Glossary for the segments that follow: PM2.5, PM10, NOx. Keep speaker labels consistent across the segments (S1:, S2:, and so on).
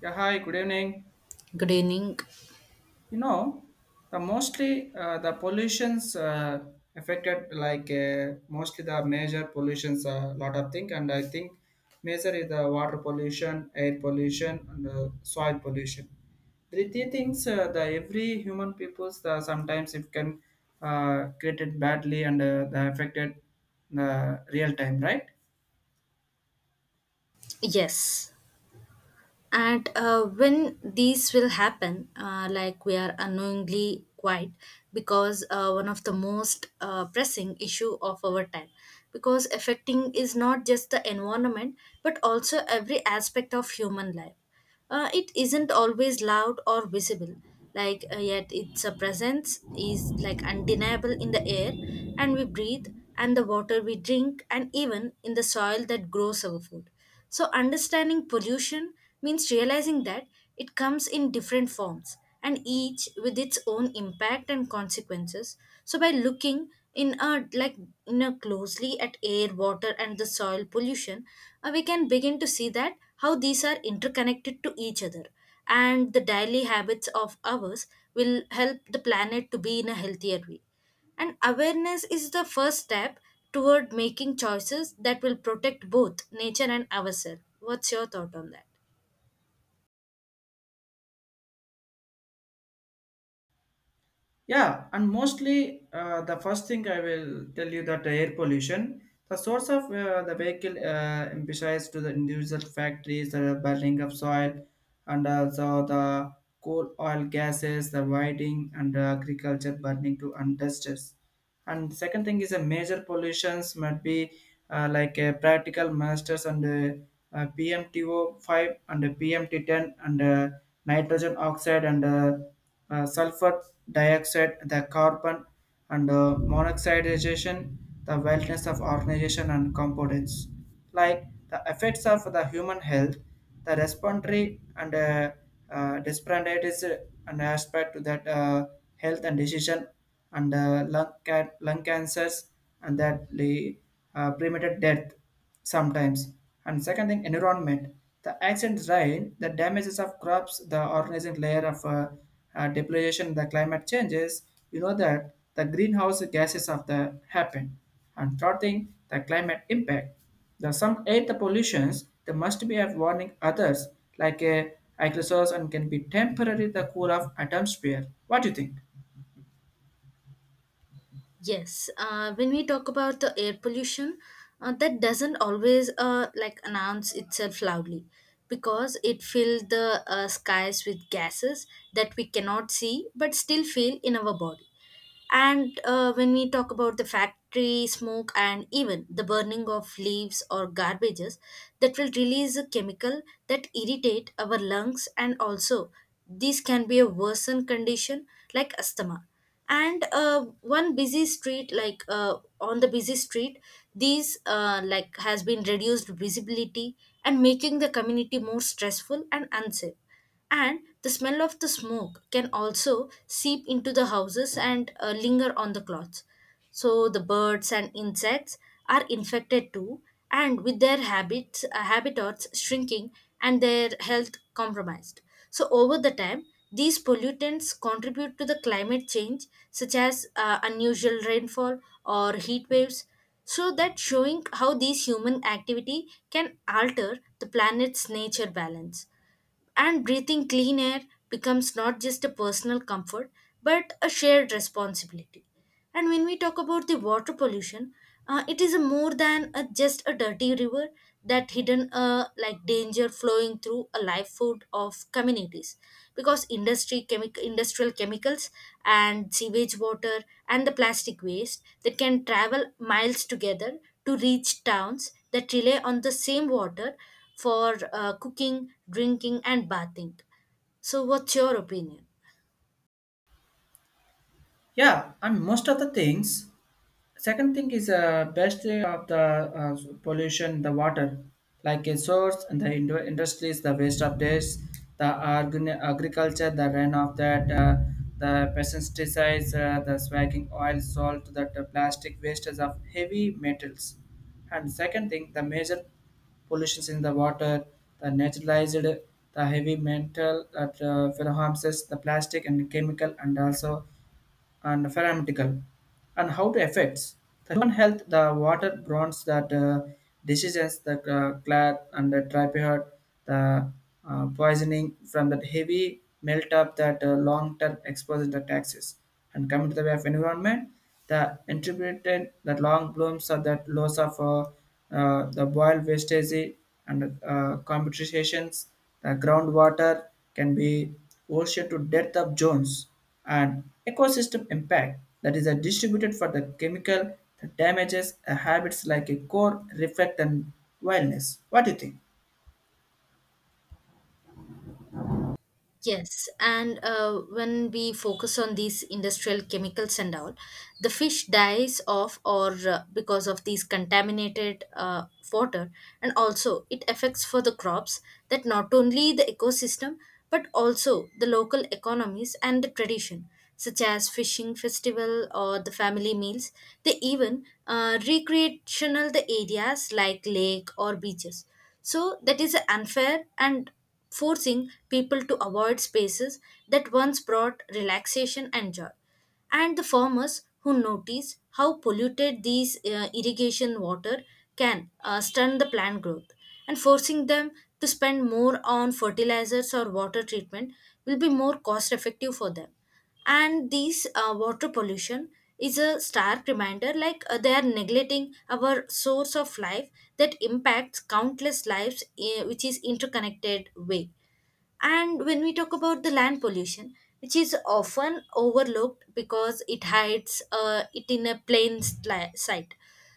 S1: Yeah, hi, good evening.
S2: Good evening.
S1: You know, the mostly the pollutions affected like mostly the major pollutions a lot of thing, and I think major is the water pollution, air pollution, and soil pollution. The three things the every human peoples the sometimes it can created badly and the affected real time, right?
S2: Yes. And when these will happen, like we are unknowingly quiet because one of the most pressing issue of our time because affecting is not just the environment but also every aspect of human life. It isn't always loud or visible, yet its presence is like undeniable in the air, and we breathe, and the water we drink, and even in the soil that grows our food. So understanding pollution means realizing that it comes in different forms and each with its own impact and consequences. So by looking in a like in a closely at air, water, and the soil pollution, we can begin to see that how these are interconnected to each other, and the daily habits of ours will help the planet to be in a healthier way, and awareness is the first step toward making choices that will protect both nature and ourselves. What's your thought on that?
S1: Yeah, and mostly the first thing I will tell you that the air pollution, the source of the vehicle emphasized to the individual factories, the burning of soil, and also the coal oil gases, the whiting, and agriculture burning to industries. And second thing is a major pollutions might be like practical masters and PMTO5 and PMT10 and nitrogen oxide and sulfur dioxide, the carbon and monoxidization, the wellness of organization and components, like the effects of the human health, the respiratory and disparities an aspect to that health and decision and lung, lung cancers and that lead premature death sometimes. And second thing, environment. The accident rain, the damages of crops, the organizing layer of depletion, the climate changes, you know that the greenhouse gases of the happen. And third thing, the climate impact. The some aid the pollutions, they must be of warning others, like a aerosols and can be temporary the cool of atmosphere. What do you think?
S2: Yes, when we talk about the air pollution, that doesn't always like announce itself loudly because it fills the skies with gases that we cannot see but still feel in our body. And when we talk about the factory smoke and even the burning of leaves or garbages, that will release a chemical that irritate our lungs, and also this can be a worsened condition like asthma. And one busy street, on the busy street, these like has been reduced visibility and making the community more stressful and unsafe, and the smell of the smoke can also seep into the houses and linger on the clothes. So the birds and insects are infected too, and with their habitats shrinking and their health compromised. So over the time, these pollutants contribute to the climate change, such as unusual rainfall or heat waves. So that showing how these human activity can alter the planet's nature balance, and breathing clean air becomes not just a personal comfort but a shared responsibility. And when we talk about the water pollution, it is a more than a, just a dirty river that hidden like danger flowing through a livelihood of communities, because industrial chemicals and sewage water and the plastic waste that can travel miles together to reach towns that rely on the same water for cooking, drinking, and bathing. So, what's your opinion?
S1: Yeah, I mean most of the things. Second thing is best of the pollution, the water, like a source and the industries, the waste of this, the agriculture, the run of that, the pesticides, the swagging oil, salt, that the plastic wastes of heavy metals. And second thing, the major pollutions in the water, the naturalized, the heavy metal that harms us, the plastic and chemical, and also and pharmaceutical and how it affects the human health the water bronze that diseases the clad and the typhoid the poisoning from that heavy melt up that long term exposure to taxes and coming to the way of environment the interpreted the long blooms of that loss of the boil wastage and competitions the groundwater can be ocean to depth of zones and ecosystem impact that is a distributed for the chemical that damages a habits like a core reflect and wellness. What do you think?
S2: Yes, and when we focus on these industrial chemicals and all, the fish dies off, or because of these contaminated water, and also it affects for the crops, that not only the ecosystem but also the local economies and the tradition, such as fishing festival or the family meals. They even recreational the areas like lake or beaches. So that is unfair and forcing people to avoid spaces that once brought relaxation and joy. And the farmers who notice how polluted these irrigation water can stunt the plant growth and forcing them to spend more on fertilizers or water treatment will be more cost effective for them. And these water pollution is a stark reminder, they are neglecting our source of life that impacts countless lives, eh, which is interconnected way. And when we talk about the land pollution, which is often overlooked because it hides it in a sight.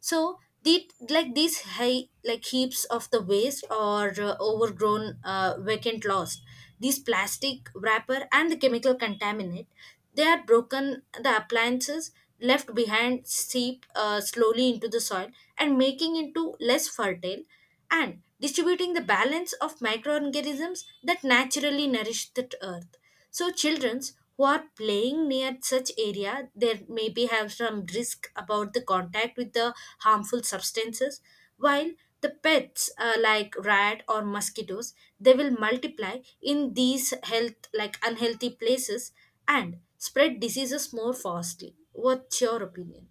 S2: So the like these high like heaps of the waste or overgrown vacant lost, these plastic wrapper and the chemical contaminant, they are broken the appliances left behind, seep slowly into the soil and making into less fertile and distributing the balance of microorganisms that naturally nourish the earth. So childrens who are playing near such area, there maybe have some risk about the contact with the harmful substances, while the pets, like rat or mosquitoes, they will multiply in these health like unhealthy places and spread diseases more fastly. What's your opinion?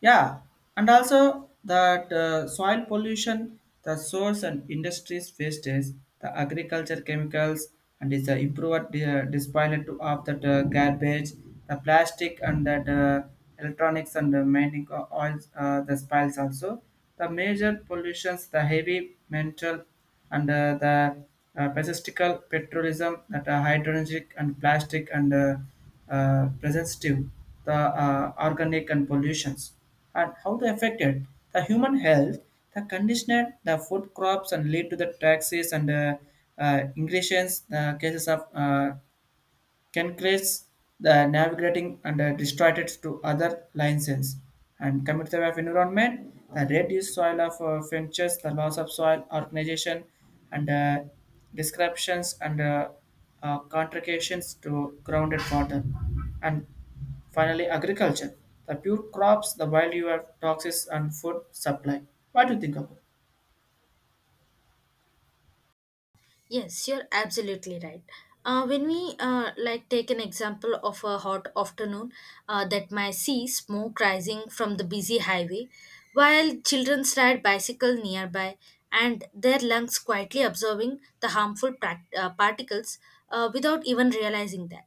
S1: Yeah, and also that soil pollution the source and industries wastage the agriculture chemicals and is the improved disposal to of that garbage the plastic and that electronics and the mining oils the spiles also the major pollutions the heavy mental and the pacistical petrolism that are hydrogenic and plastic and presentive the organic and pollutions and how they affected the human health the conditioner the food crops and lead to the taxes and increases the cases of can create the navigating and distracted to other license and commit the of environment, the reduced soil of finches, the loss of soil organization and descriptions and contributions to grounded water. And finally, agriculture, the pure crops, the value of toxins and food supply. What do you think about?
S2: Yes, you're absolutely right. When we like take an example of a hot afternoon, that might see smoke rising from the busy highway, while children ride bicycle nearby and their lungs quietly absorbing the harmful particles without even realizing that.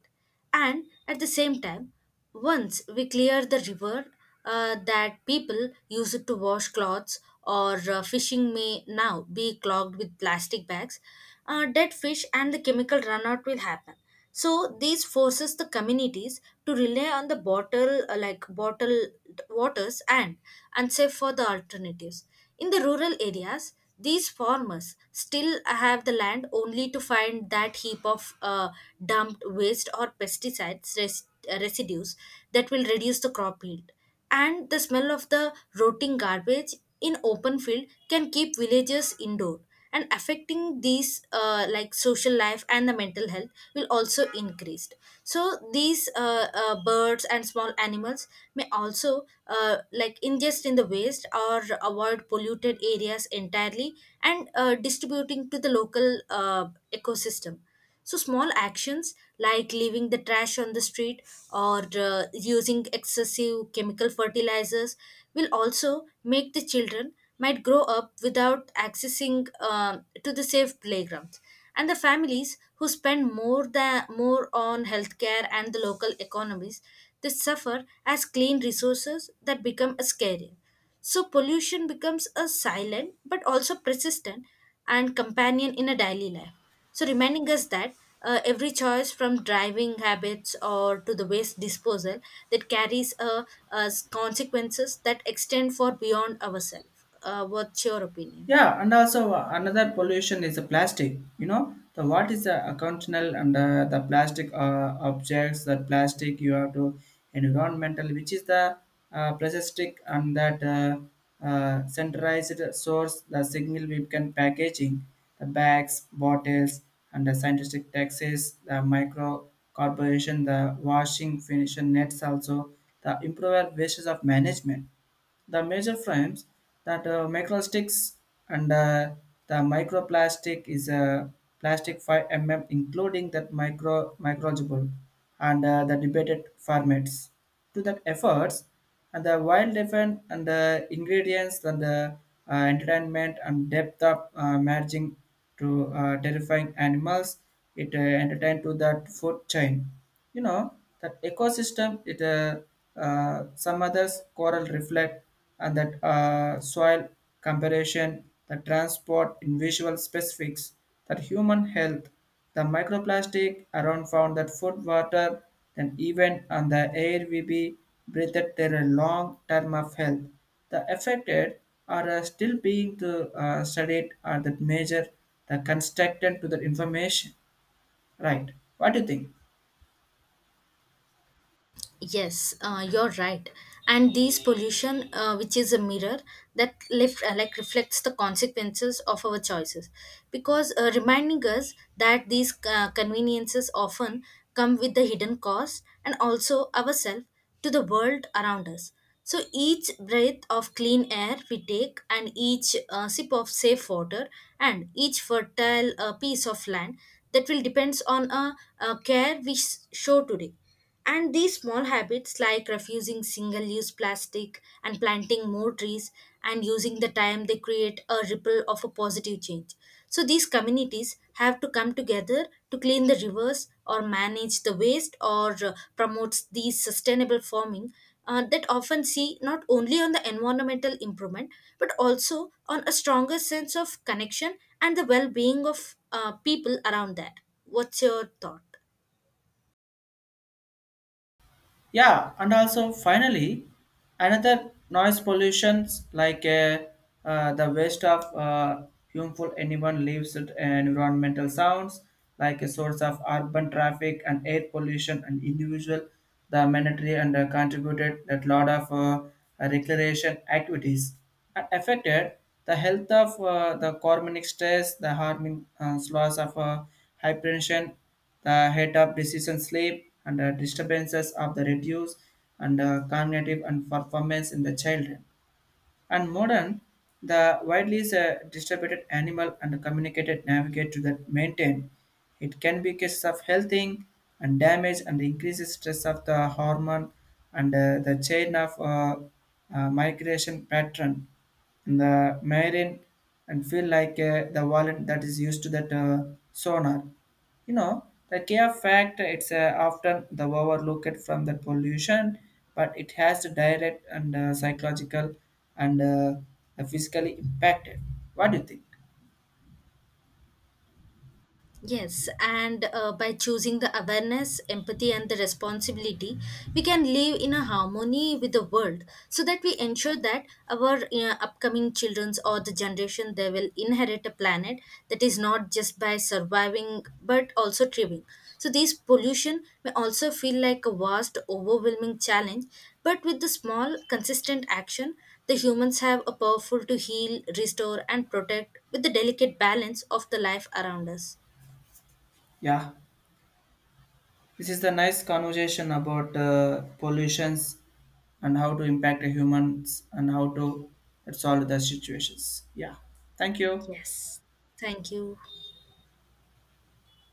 S2: And at the same time, once we clear the river, that people use it to wash clothes or fishing may now be clogged with plastic bags, dead fish, and the chemical runout will happen. So these forces the communities to rely on the bottled waters and unsafe for the alternatives. In the rural areas, these farmers still have the land only to find that heap of dumped waste or pesticides residues that will reduce the crop yield. And the smell of the rotting garbage in open field can keep villagers indoor, and affecting these like social life and the mental health will also increased. So these birds and small animals may also like ingest in the waste or avoid polluted areas entirely, and distributing to the local ecosystem. So, small actions like leaving the trash on the street or using excessive chemical fertilizers will also make the children might grow up without accessing to the safe playgrounds, and the families who spend more than more on healthcare and the local economies, they suffer as clean resources that become a scarce. So pollution becomes a silent but also persistent and companion in a daily life, so reminding us that every choice, from driving habits or to the waste disposal, that carries a consequences that extend for beyond ourselves. What's your opinion?
S1: Yeah, and also another pollution is the plastic. You know, the what is the occasional and the plastic objects, the plastic you have to environmental, which is the plastic and that centralized source, the signal we can packaging, the bags, bottles, and the scientific taxes, the micro corporation, the washing finishing nets also, the improper ways of management the major frames that microplastics and the microplastic is a plastic 5 mm including that micro microgible and the debated formats to that efforts and the wild different and the ingredients and the entertainment and depth of merging to terrifying animals it entertained to that food chain, you know, that ecosystem it some others coral reflect and that soil comparison the transport in visual specifics that human health the microplastic around found that food water then even on the air we be breathed there a long term of health the affected are still being studied or that major the constructed to the information, right? What do you think?
S2: Yes, you're right. And these pollution, which is a mirror that lift, like reflects the consequences of our choices, because reminding us that these conveniences often come with the hidden cost, and also ourselves to the world around us. So each breath of clean air we take, and each sip of safe water, and each fertile piece of land, that will depends on a, care we show today. And these small habits, like refusing single use plastic and planting more trees and using the time, they create a ripple of a positive change. So, these communities have to come together to clean the rivers or manage the waste or promotes these sustainable farming, that often see not only on the environmental improvement but also on a stronger sense of connection and the well being of people around that. What's your thought?
S1: Yeah, and also finally, another noise pollutions like the waste of harmful anyone leaves it and environmental sounds like a source of urban traffic and air pollution and individual the mandatory and contributed that lot of recreation activities and affected the health of the chronic stress the harming loss of hypertension the head of decision sleep and disturbances of the reduce and cognitive and performance in the children. And modern, the widely is distributed animal and communicated navigate to that maintain. It can be cases of healthing and damage and increases stress of the hormone and the chain of migration pattern and the marine and feel like the wallet that is used to that sonar. You know, the care fact it's often the overlooked from the pollution, but it has a direct and psychological and physically impacted. What do you think?
S2: Yes, and by choosing the awareness, empathy, and the responsibility, we can live in a harmony with the world, so that we ensure that our upcoming children's or the generation they will inherit a planet that is not just by surviving but also thriving. So, this pollution may also feel like a vast, overwhelming challenge, but with the small, consistent action, the humans have a powerful to heal, restore, and protect with the delicate balance of the life around us.
S1: Yeah, this is the nice conversation about pollutions and how to impact the humans and how to solve the situations. Yeah, thank you.
S2: Yes. Thank you.